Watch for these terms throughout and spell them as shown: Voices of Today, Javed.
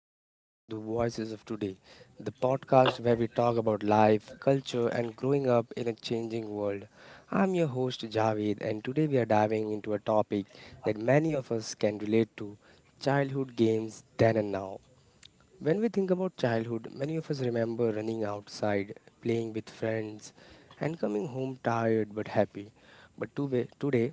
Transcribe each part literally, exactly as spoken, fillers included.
welcome back to the Voices of Today, the podcast where we talk about life, culture, and growing up in a changing world. I'm your host, Javed, and today we are diving into a topic that many of us can relate to childhood games then and now. When we think about childhood, many of us remember running outside, playing with friends, and coming home tired but happy. But tobe- today,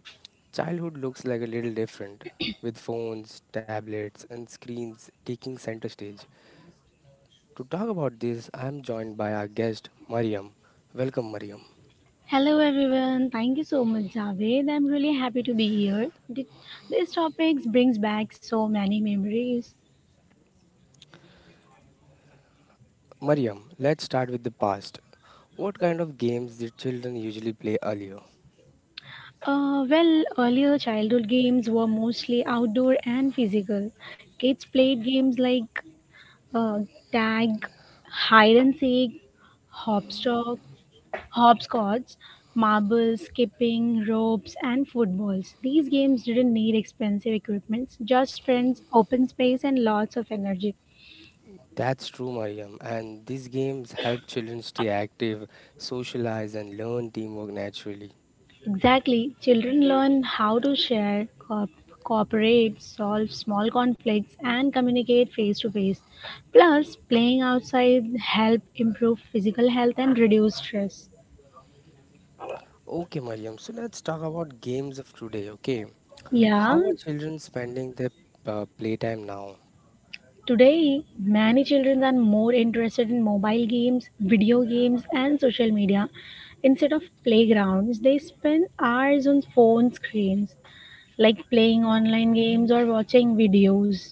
childhood looks like a little different, with phones, tablets, and screens taking center stage. To talk about this, I am joined by our guest, Mariam. Welcome, Mariam. Hello everyone, thank you so much, Javed. I'm really happy to be here. Th- This topic brings back so many memories. Mariam, let's start with the past. What kind of games did children usually play earlier? Uh, well, earlier childhood games were mostly outdoor and physical. Kids played games like uh, tag, hide and seek, hopscotch, hopscotch, marbles, skipping, ropes, and footballs. These games didn't need expensive equipments, just friends, open space, and lots of energy. That's true, Mariam. And these games help children stay active, socialize, and learn teamwork naturally. Exactly. Children learn how to share, co- cooperate, solve small conflicts, and communicate face to face. Plus, playing outside help improve physical health and reduce stress. Okay, Mariam. So let's talk about games of today. Okay, how Yeah, are children spending their uh, playtime now? today many children are more interested in mobile games, video games, and social media. Instead of playgrounds, they spend hours on phone screens, like playing online games or watching videos.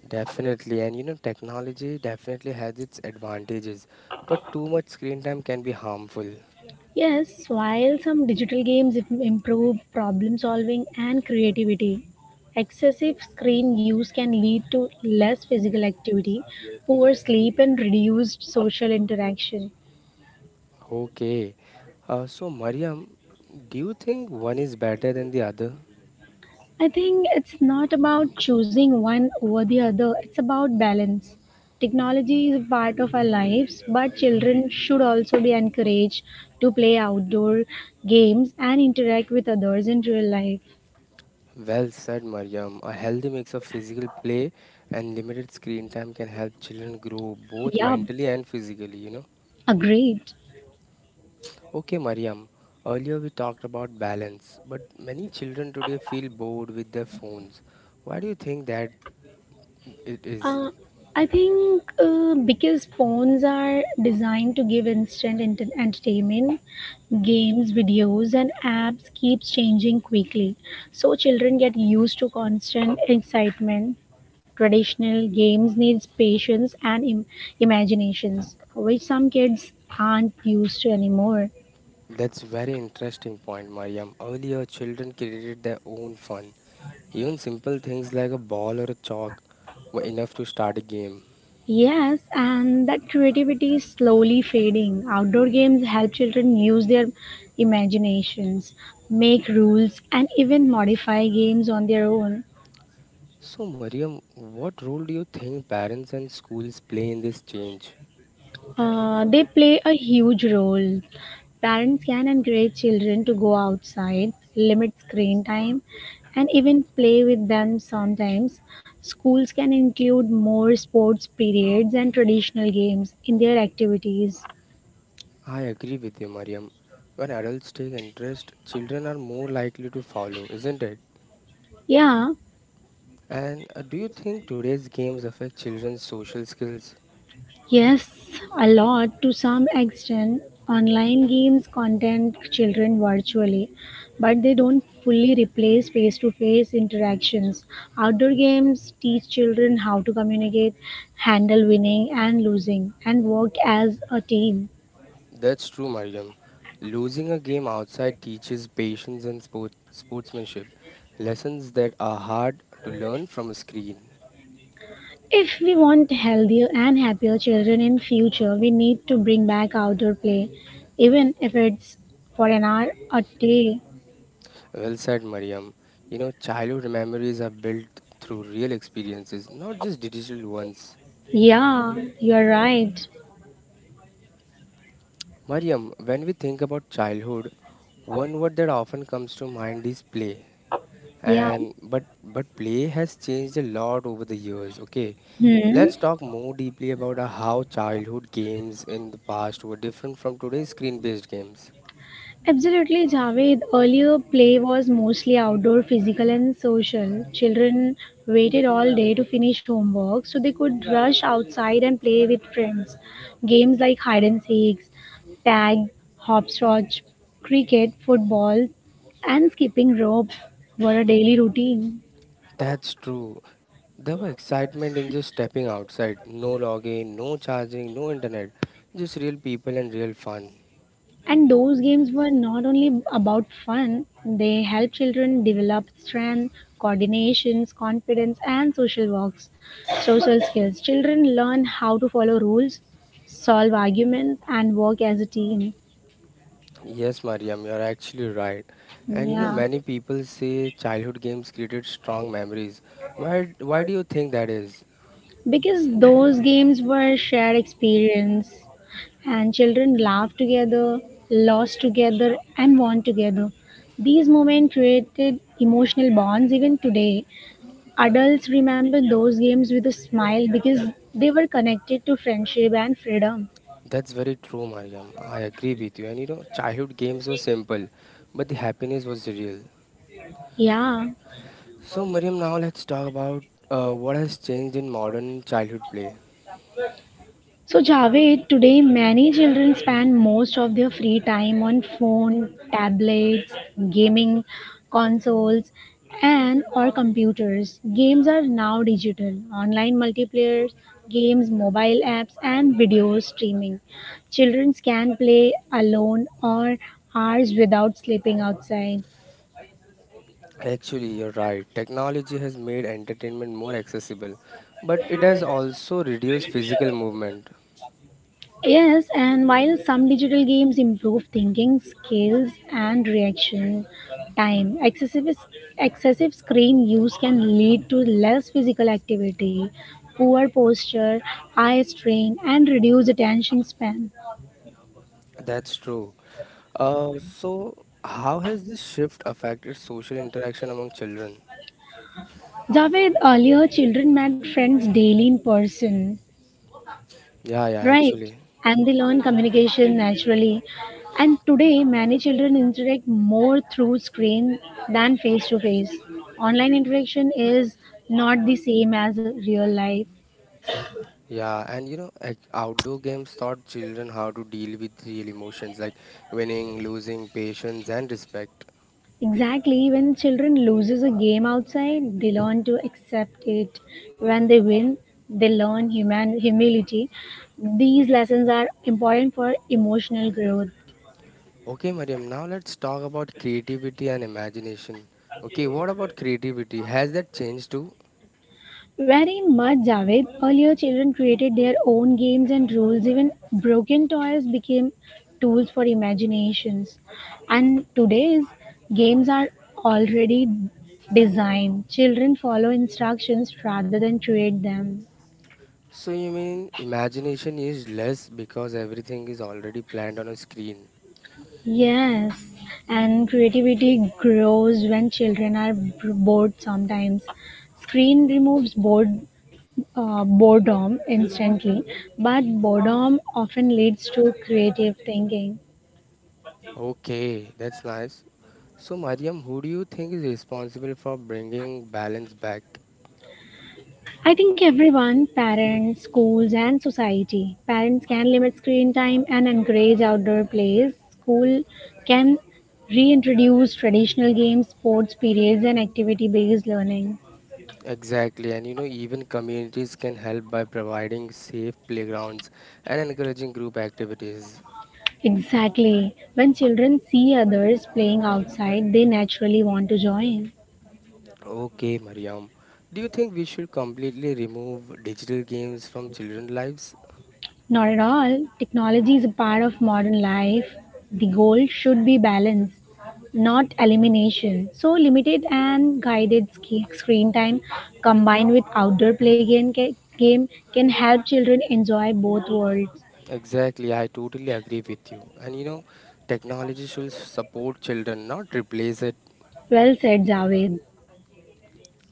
Definitely, and you know, technology definitely has its advantages, but too much screen time can be harmful. Yes, while some digital games im- improve problem solving and creativity, excessive screen use can lead to less physical activity, poor sleep, and reduced social interaction. Okay, uh, so Mariam, do you think one is better than the other? I think it's not about choosing one over the other, it's about balance. Technology is a part of our lives, but children should also be encouraged to play outdoor games and interact with others in real life. Well said, Mariam. A healthy mix of physical play and limited screen time can help children grow both Yeah, mentally and physically, you know. agreed. Okay, Mariam, earlier we talked about balance, but many children today feel bored with their phones. Why do you think that it is? Uh, I think uh, because phones are designed to give instant ent- entertainment, games, videos, and apps keeps changing quickly. So children get used to constant excitement. Traditional games needs patience and Im- imaginations, which some kids aren't used to anymore. That's very interesting point, Mariam. Earlier, children created their own fun. Even simple things like a ball or a chalk were enough to start a game. Yes, and that creativity is slowly fading. Outdoor games help children use their imaginations, make rules, and even modify games on their own. So, Mariam, what role do you think parents and schools play in this change? Uh, they play a huge role. Parents can encourage children to go outside, limit screen time, and even play with them sometimes. Schools can include more sports periods and traditional games in their activities. I agree with you, Mariam. When adults take interest, children are more likely to follow, isn't it? Yeah. And uh, do you think today's games affect children's social skills? Yes, a lot to some extent. Online games content children virtually, but they don't fully replace face to face interactions. Outdoor games teach children how to communicate, handle winning and losing, and work as a team. That's true, Mariam. Losing a game outside teaches patience and sport- sportsmanship, lessons that are hard to learn from a screen. If we want healthier and happier children in future, we need to bring back outdoor play, even if it's for an hour a day. Well said, Mariam. You know, childhood memories are built through real experiences, not just digital ones. Yeah, you're right. Mariam, when we think about childhood, one word that often comes to mind is play. Yeah. And but but play has changed a lot over the years. Okay, Hmm. let's talk more deeply about uh, how childhood games in the past were different from today's screen-based games. Absolutely, Javed. Earlier, play was mostly outdoor, physical, and social. Children waited all day to finish homework so they could rush outside and play with friends. Games like hide and seek, tag, hopscotch, cricket, football, and skipping rope were a daily routine. That's true. There was excitement in just stepping outside. No login, no charging, no internet. Just real people and real fun. And those games were not only about fun, they help children develop strength, coordinations, confidence, and social works, social skills. Children learn how to follow rules, solve arguments, and work as a team. Yes, Mariam, you're actually right. And you know, Yeah, many people say childhood games created strong memories. Why, why do you think that is? because those games were shared experience, and children laughed together, lost together, and won together. These moments created emotional bonds. Even today adults remember those games with a smile because they were connected to friendship and freedom. That's very true, Mariam. I agree with you. And you know, childhood games were simple, but the happiness was real. Yeah. So, Mariam, now let's talk about uh, what has changed in modern childhood play. So, Javed, today many children spend most of their free time on phone, tablets, gaming consoles, and or computers. Games are now digital, online multiplayer games, mobile apps, and video streaming. Children can play alone or hours without sleeping outside. Actually, you're right. Technology has made entertainment more accessible, but it has also reduced physical movement. Yes, and while some digital games improve thinking skills and reaction time, excessive, excessive screen use can lead to less physical activity, poor posture, eye strain, and reduced attention span. That's true. Uh, so, how has this shift affected social interaction among children? Javed, earlier children met friends daily in person. Yeah, yeah, Right. actually. And they learn communication naturally. And today, many children interact more through screen than face to face. Online interaction is not the same as real life. Yeah, and you know, ac- outdoor games taught children how to deal with real emotions like winning, losing, patience, and respect. Exactly, when children loses a game outside, they learn to accept it. When they win, they learn human humility. These lessons are important for emotional growth. Okay, Mariam, now let's talk about creativity and imagination. Okay, what about creativity? Has that changed too? Very much, Javed. Earlier, children created their own games and rules. Even broken toys became tools for imaginations. And today's games are already designed. Children follow instructions rather than create them. So you mean imagination is less because everything is already planned on a screen. Yes, and creativity grows when children are b- bored sometimes. Screen removes bored, uh, boredom instantly, but boredom often leads to creative thinking. Okay, that's nice. So Mariam, who do you think is responsible for bringing balance back? I think everyone, parents, schools, and society, parents can limit screen time and encourage outdoor plays. School can reintroduce traditional games, sports periods, and activity based learning. Exactly, and you know even communities can help by providing safe playgrounds and encouraging group activities. Exactly. When children see others playing outside, they naturally want to join. Okay, Mariam, do you think we should completely remove digital games from children's lives? Not at all. Technology is a part of modern life. The goal should be balance, not elimination. So, limited and guided sk- screen time combined with outdoor play game, ca- game can help children enjoy both worlds. Exactly, I totally agree with you. And you know, technology should support children, not replace it. Well said, Javed.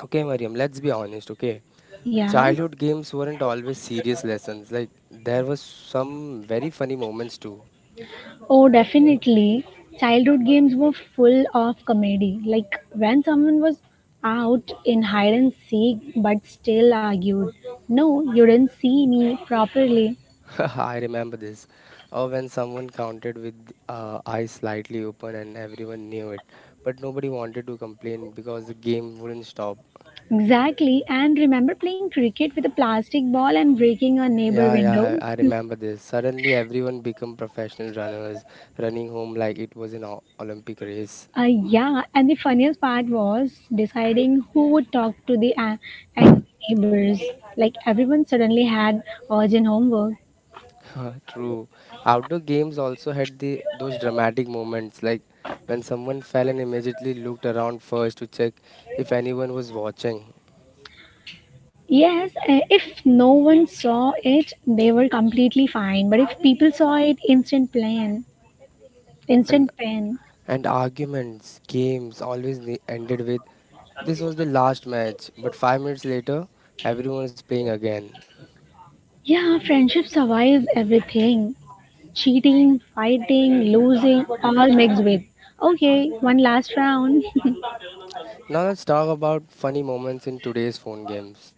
Okay, Mariam, let's be honest, okay? Yeah. Childhood games weren't always serious lessons. Like, there was some very funny moments too. Oh, definitely. Childhood games were full of comedy. Like when someone was out in hide and seek but still argued, "No, you didn't see me properly." I remember this. Or when someone counted with uh, eyes slightly open and everyone knew it. But nobody wanted to complain because the game wouldn't stop. Exactly. And remember playing cricket with a plastic ball and breaking a neighbor Yeah, yeah, windows? I, I remember this. Suddenly, everyone become professional runners, running home like it was an o- Olympic race. Uh, yeah. And the funniest part was deciding who would talk to the a- angry neighbors. Like everyone suddenly had urgent homework. True. Outdoor games also had the those dramatic moments, like when someone fell and immediately looked around first to check if anyone was watching. Yes, uh, if no one saw it, they were completely fine. But if people saw it, instant plan, And instant pain. and arguments, games always ne- ended with, "This was the last match," but five minutes later, everyone is playing again. Yeah, friendship survives everything. Cheating, fighting, losing, all mixed with. Okay, one last round. Now let's talk about funny moments in today's phone games.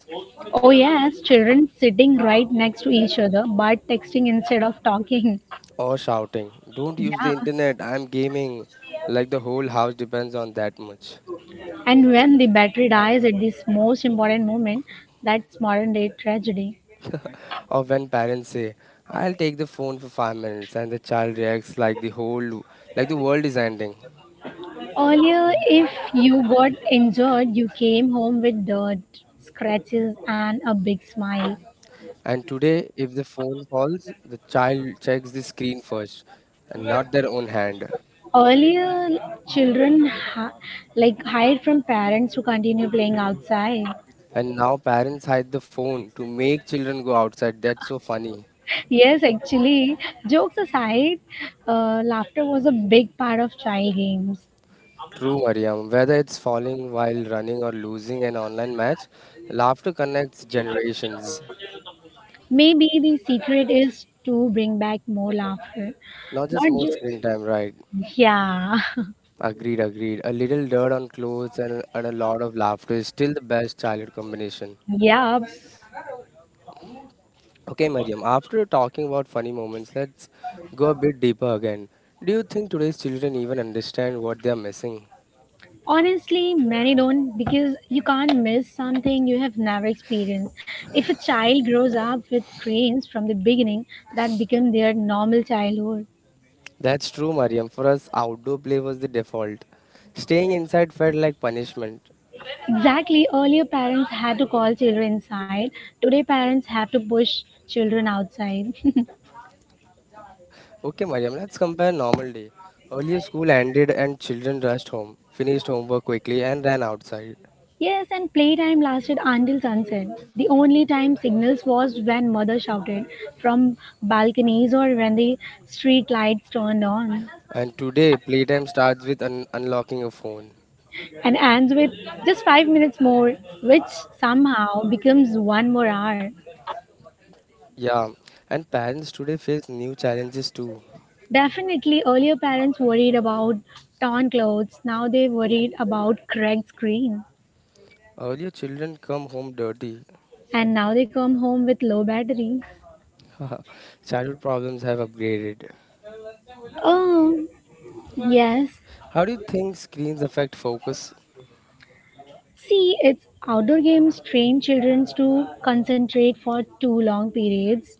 Oh yes, children sitting right next to each other but texting instead of talking. Or shouting, "Don't use Yeah. the internet, I'm gaming." Like the whole house depends on that much. And when the battery dies at this most important moment, that's modern day tragedy. Or when parents say, "I'll take the phone for five minutes," and the child reacts like the whole, like the world is ending. Earlier, if you got injured, you came home with dirt, scratches, and a big smile. And today, if the phone falls, the child checks the screen first and not their own hand. Earlier, children ha- like hide from parents to continue playing outside. And now parents hide the phone to make children go outside. That's so funny. Yes, actually, jokes aside, uh, laughter was a big part of child games. True, Mariam. Whether it's falling while running or losing an online match, laughter connects generations. Maybe the secret is to bring back more laughter, Not just not more screen just time, right? yeah. Agreed, agreed. A little dirt on clothes and, and a lot of laughter is still the best childhood combination. Yeah. Okay, Mariam, after talking about funny moments, let's go a bit deeper again. Do you think today's children even understand what they are missing? Honestly, many don't because you can't miss something you have never experienced. If a child grows up with screens from the beginning, that become their normal childhood. That's true, Mariam. For us, outdoor play was the default. Staying inside felt like punishment. Exactly, earlier parents had to call children inside. Today parents have to push children outside. Okay, Mariam, let's compare normal day. Earlier, school ended and children rushed home, finished homework quickly, and ran outside. Yes, and playtime lasted until sunset. The only time signals was when mother shouted from balconies or when the street lights turned on. And today, playtime starts with un- unlocking a phone. And ends with just five minutes more, which somehow becomes one more hour. Yeah, and parents today face new challenges too. Definitely, earlier parents worried about torn clothes, now they worried about cracked screen, Earlier, children come home dirty. and now they come home with low battery. Childhood problems have upgraded. Oh, yes. How do you think screens affect focus? See, it's outdoor games train children to concentrate for too long periods.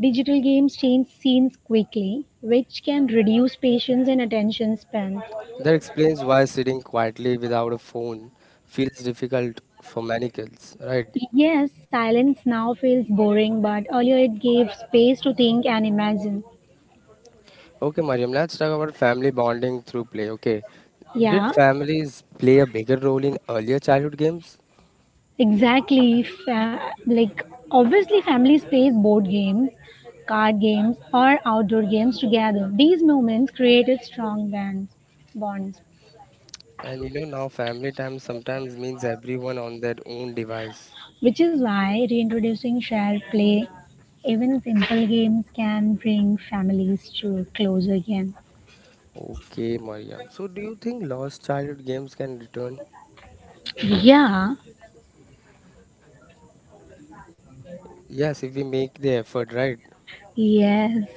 Digital games change scenes quickly, which can reduce patience and attention span. That explains why sitting quietly without a phone feels difficult for many kids, right? Yes, silence now feels boring, but earlier it gave space to think and imagine. Okay, Mariam, let's talk about family bonding through play. Okay, did Yeah, families play a bigger role in earlier childhood games? exactly. Fa- like, obviously, families play board games, card games, or outdoor games together. These moments created strong bands, bonds, And you know, now family time sometimes means everyone on their own device. which is why reintroducing shared play, even simple games, can bring families to closer again. Okay, Mariam. So, do you think lost childhood games can return? Yeah, Yes, if we make the effort, right? yes.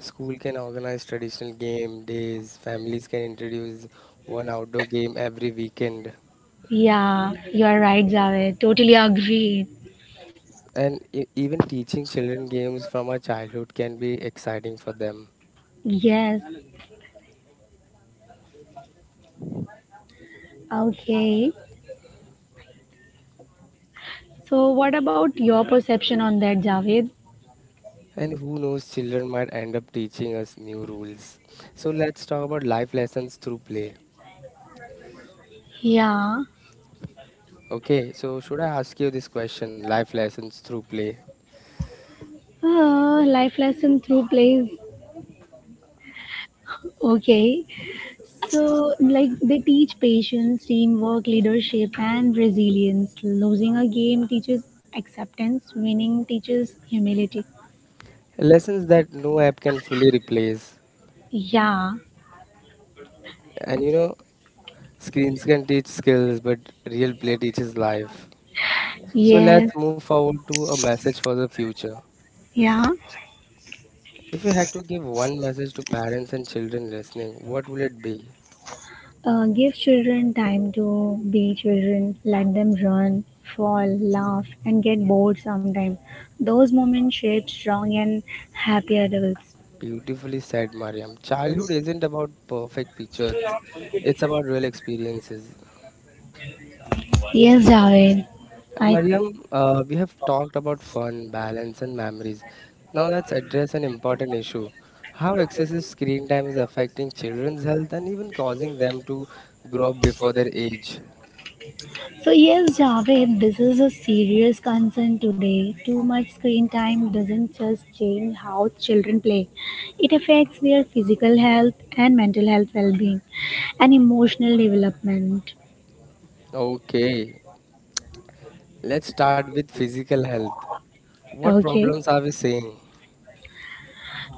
School can organize traditional game days, families can introduce one outdoor game every weekend. Yeah, you are right, Javed. Totally agree. And e- even teaching children games from our childhood can be exciting for them. Yes. Okay. So, what about your perception on that, Javed? And who knows, children might end up teaching us new rules. So, let's talk about life lessons through play. Yeah. Okay, so should I ask you this question? Life lessons through play. Uh, life lesson through plays. Okay. So, like, they teach patience, teamwork, leadership, and resilience. Losing a game teaches acceptance, winning teaches humility. Lessons that no app can fully replace. Yeah. And you know, screens can teach skills, but real play teaches life. So Yes. let's move forward to a message for the future. Yeah. If you had to give one message to parents and children listening, what will it be? Uh, give children time to be children. Let them run, fall, laugh, and get bored sometime. Those moments shape strong and happy adults. Beautifully said, Mariam. Childhood isn't about perfect pictures, it's about real experiences. Yes, Javed. I. Mariam, uh, we have talked about fun, balance, and memories. Now let's address an important issue how excessive screen time is affecting children's health and even causing them to grow up before their age. So yes, Javed, this is a serious concern today. Too much screen time doesn't just change how children play. It affects their physical health and mental health well-being and emotional development. Okay, let's start with physical health. What Okay. problems are we seeing?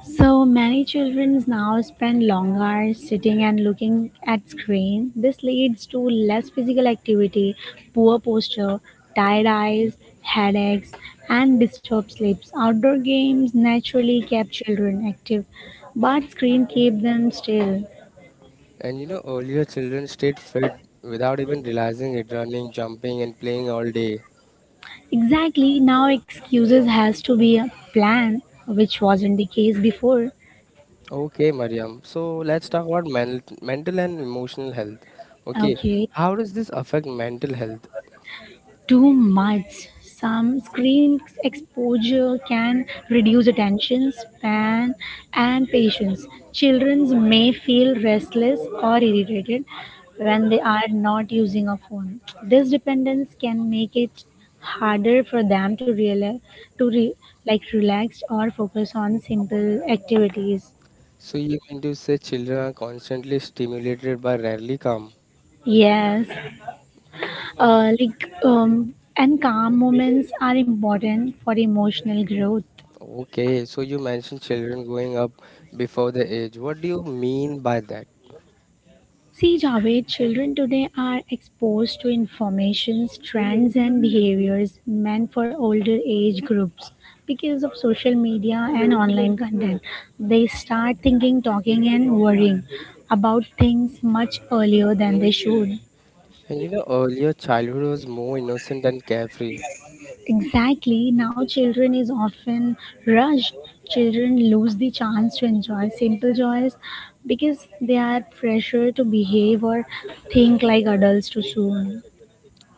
So many children now spend long hours sitting and looking at screen. This leads to less physical activity, poor posture, tired eyes, headaches, and disturbed sleeps. Outdoor games naturally kept children active, but screen keep them still. And you know, earlier children stayed fit without even realizing it, running, jumping, and playing all day. Exactly, now excuses has to be a plan, which wasn't the case before. Okay, Mariam. So let's talk about men mental and emotional health. Okay, Okay. how does this affect mental health? Too much. Some screen exposure can reduce attention span and patience. Children may feel restless or irritated when they are not using a phone. This dependence can make it harder for them to realize, to re, like relax or focus on simple activities. So you mean to say children are constantly stimulated but rarely calm. Yes, uh, like um, and calm moments are important for emotional growth. Okay, so you mentioned children growing up before the age. What do you mean by that? See, Javed, children today are exposed to information, trends, and behaviors meant for older age groups. Because of social media and online content, they start thinking, talking, and worrying about things much earlier than they should. And you know, earlier childhood was more innocent and carefree. Exactly, now children is often rushed. Children lose the chance to enjoy simple joys because they are pressured to behave or think like adults too soon.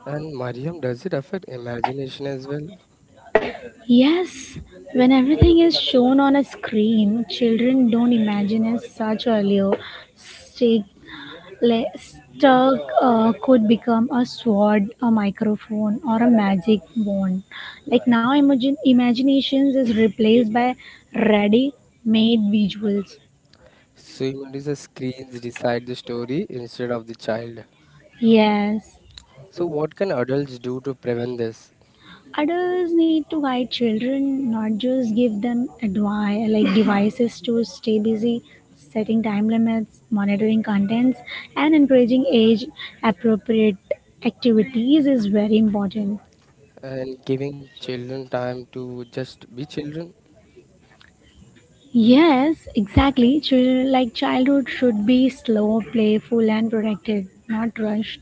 And Mariam, does it affect imagination as well? Yes, when everything is shown on a screen, children don't imagine as such earlier. Stick, le- stuck uh, could become a sword, a microphone, or a magic wand. Like now, imagine imaginations is replaced by ready-made visuals. So you mean to say screens decide the story instead of the child. Yes. So what can adults do to prevent this? Adults need to guide children, not just give them advice like devices to stay busy, setting time limits, monitoring contents, and encouraging age appropriate activities is very important. And giving children time to just be children. Yes, exactly. Children like childhood should be slow, playful, and protected, not rushed.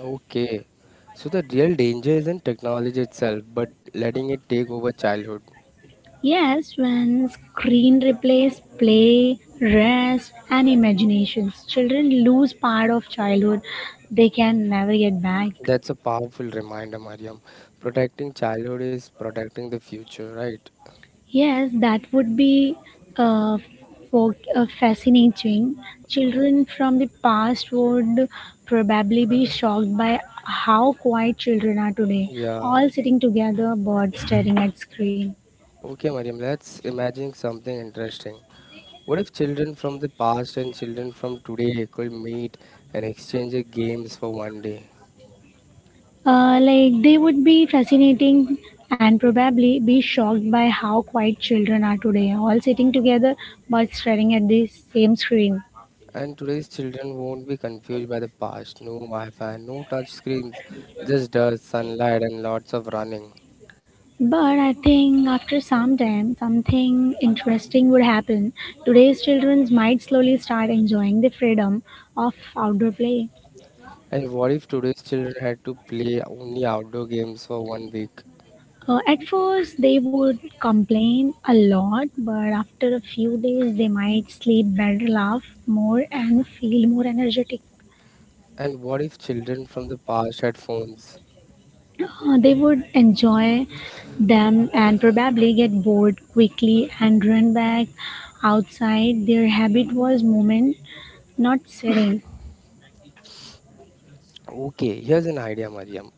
Okay. So the real danger isn't technology itself, but letting it take over childhood. Yes, when screen replaces play, rest, and imaginations, children lose part of childhood they can never get back. That's a powerful reminder, Mariam. Protecting childhood is protecting the future, right? Yes, that would be uh, for, uh, fascinating. Children from the past would probably be shocked by how quiet children are today, Yeah. all sitting together, bored staring at screen. Okay, Mariam, let's imagine something interesting. What if children from the past and children from today could meet and exchange their games for one day? Uh, like they would be fascinating and probably be shocked by how quiet children are today, all sitting together but staring at the same screen. And today's children won't be confused by the past. No Wi-Fi, no touch screens, just dust, sunlight, and lots of running. But I think after some time, something interesting would happen. Today's children might slowly start enjoying the freedom of outdoor play. And what if today's children had to play only outdoor games for one week? Uh, at first, they would complain a lot, but after a few days, they might sleep better, laugh more, and feel more energetic. And what if children from the past had phones? Uh, they would enjoy them and probably get bored quickly and run back outside. Their habit was movement, not sitting. Okay, here's an idea, Mariam.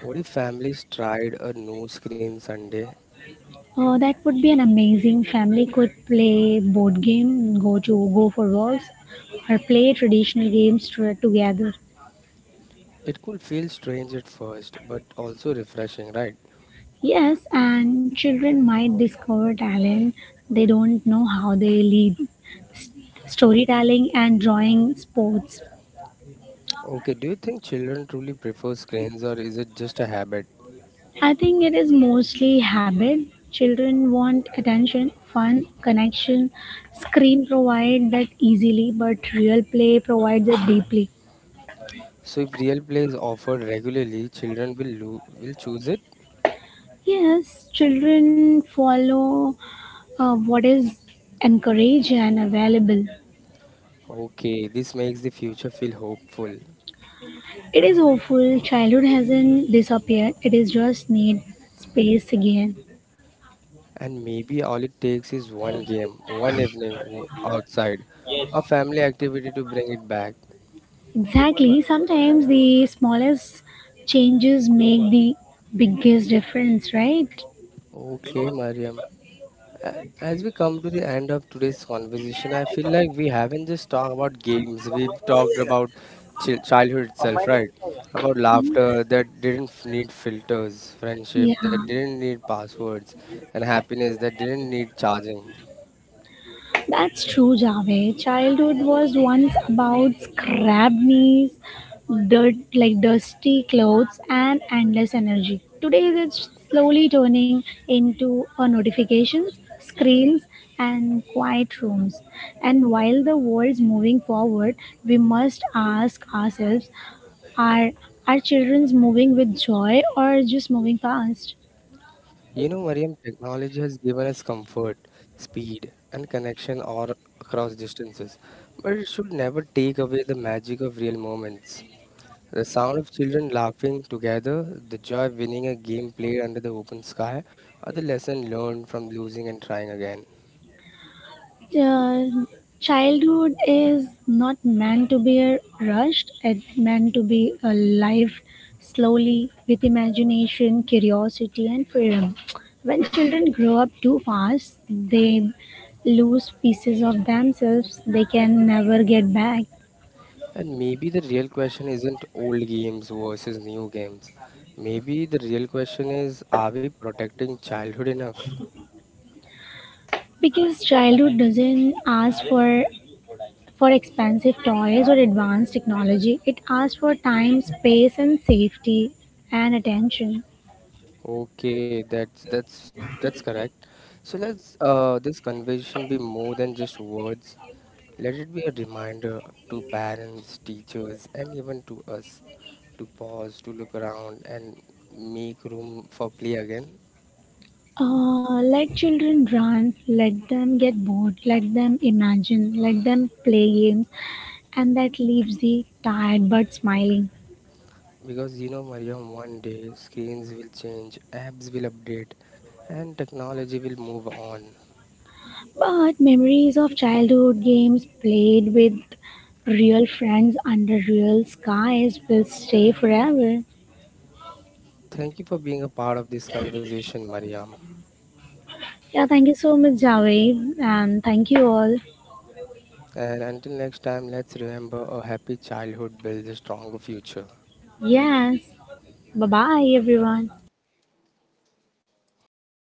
What if families tried a no screen Sunday? Oh, that would be an amazing family could play board game, go to go for walks, or play traditional games to, together. It could feel strange at first, but also refreshing, right? Yes, and children might discover talent they don't know how they lead. S- Storytelling and drawing sports. Okay, do you think children truly prefer screens or is it just a habit? I think it is mostly habit. Children want attention, fun, connection. Screen provide that easily, but real play provides it deeply. So if real play is offered regularly, children will lo- will choose it. Yes, children follow uh, what is encouraged and available. Okay, this makes the future feel hopeful. It is hopeful. Childhood hasn't disappeared. It is just need space again. And maybe all it takes is one game, one evening o- outside, a family activity to bring it back. Exactly. Sometimes the smallest changes make the biggest difference, right? Okay, Mariam. A- As we come to the end of today's conversation, I feel like we haven't just talked about games. We've talked about chil- childhood itself, right? About laughter that didn't f- need filters, Yeah. friendship that didn't need passwords, and happiness that didn't need charging. That's true, Javed. Childhood was once about scrap knees, dirt like dusty clothes, and endless energy. Today, it's slowly turning into a notifications, screens, and quiet rooms. And while the world's moving forward, we must ask ourselves: are our childrens moving with joy or just moving fast? You know, Mariam, technology has given us comfort, speed, and connection all across distances, but it should never take away the magic of real moments. The sound of children laughing together, the joy of winning a game played under the open sky, or the lesson learned from losing and trying again. Uh, Childhood is not meant to be uh, rushed, it's meant to be uh, lived slowly with imagination, curiosity, and freedom. When children grow up too fast, they lose pieces of themselves they can never get back, And maybe the real question isn't old games versus new games. Maybe the real question is, are we protecting childhood enough? because childhood doesn't ask for for expensive toys or advanced technology. It asks for time, space, and safety, and attention. Okay, that's that's that's correct. So let's, uh, this conversation be more than just words. Let it be a reminder to parents, teachers, and even to us to pause, to look around, and make room for play again. Uh, let children run, let them get bored, let them imagine, let them play games, and that leaves the tired but smiling. Because you know, Mariam, one day screens will change, apps will update, and technology will move on. But memories of childhood games played with real friends under real skies will stay forever. Thank you for being a part of this conversation, Mariam. Yeah, thank you so much, Javed, and thank you all. And until next time, let's remember a happy childhood builds a stronger future. Yes, bye bye, everyone.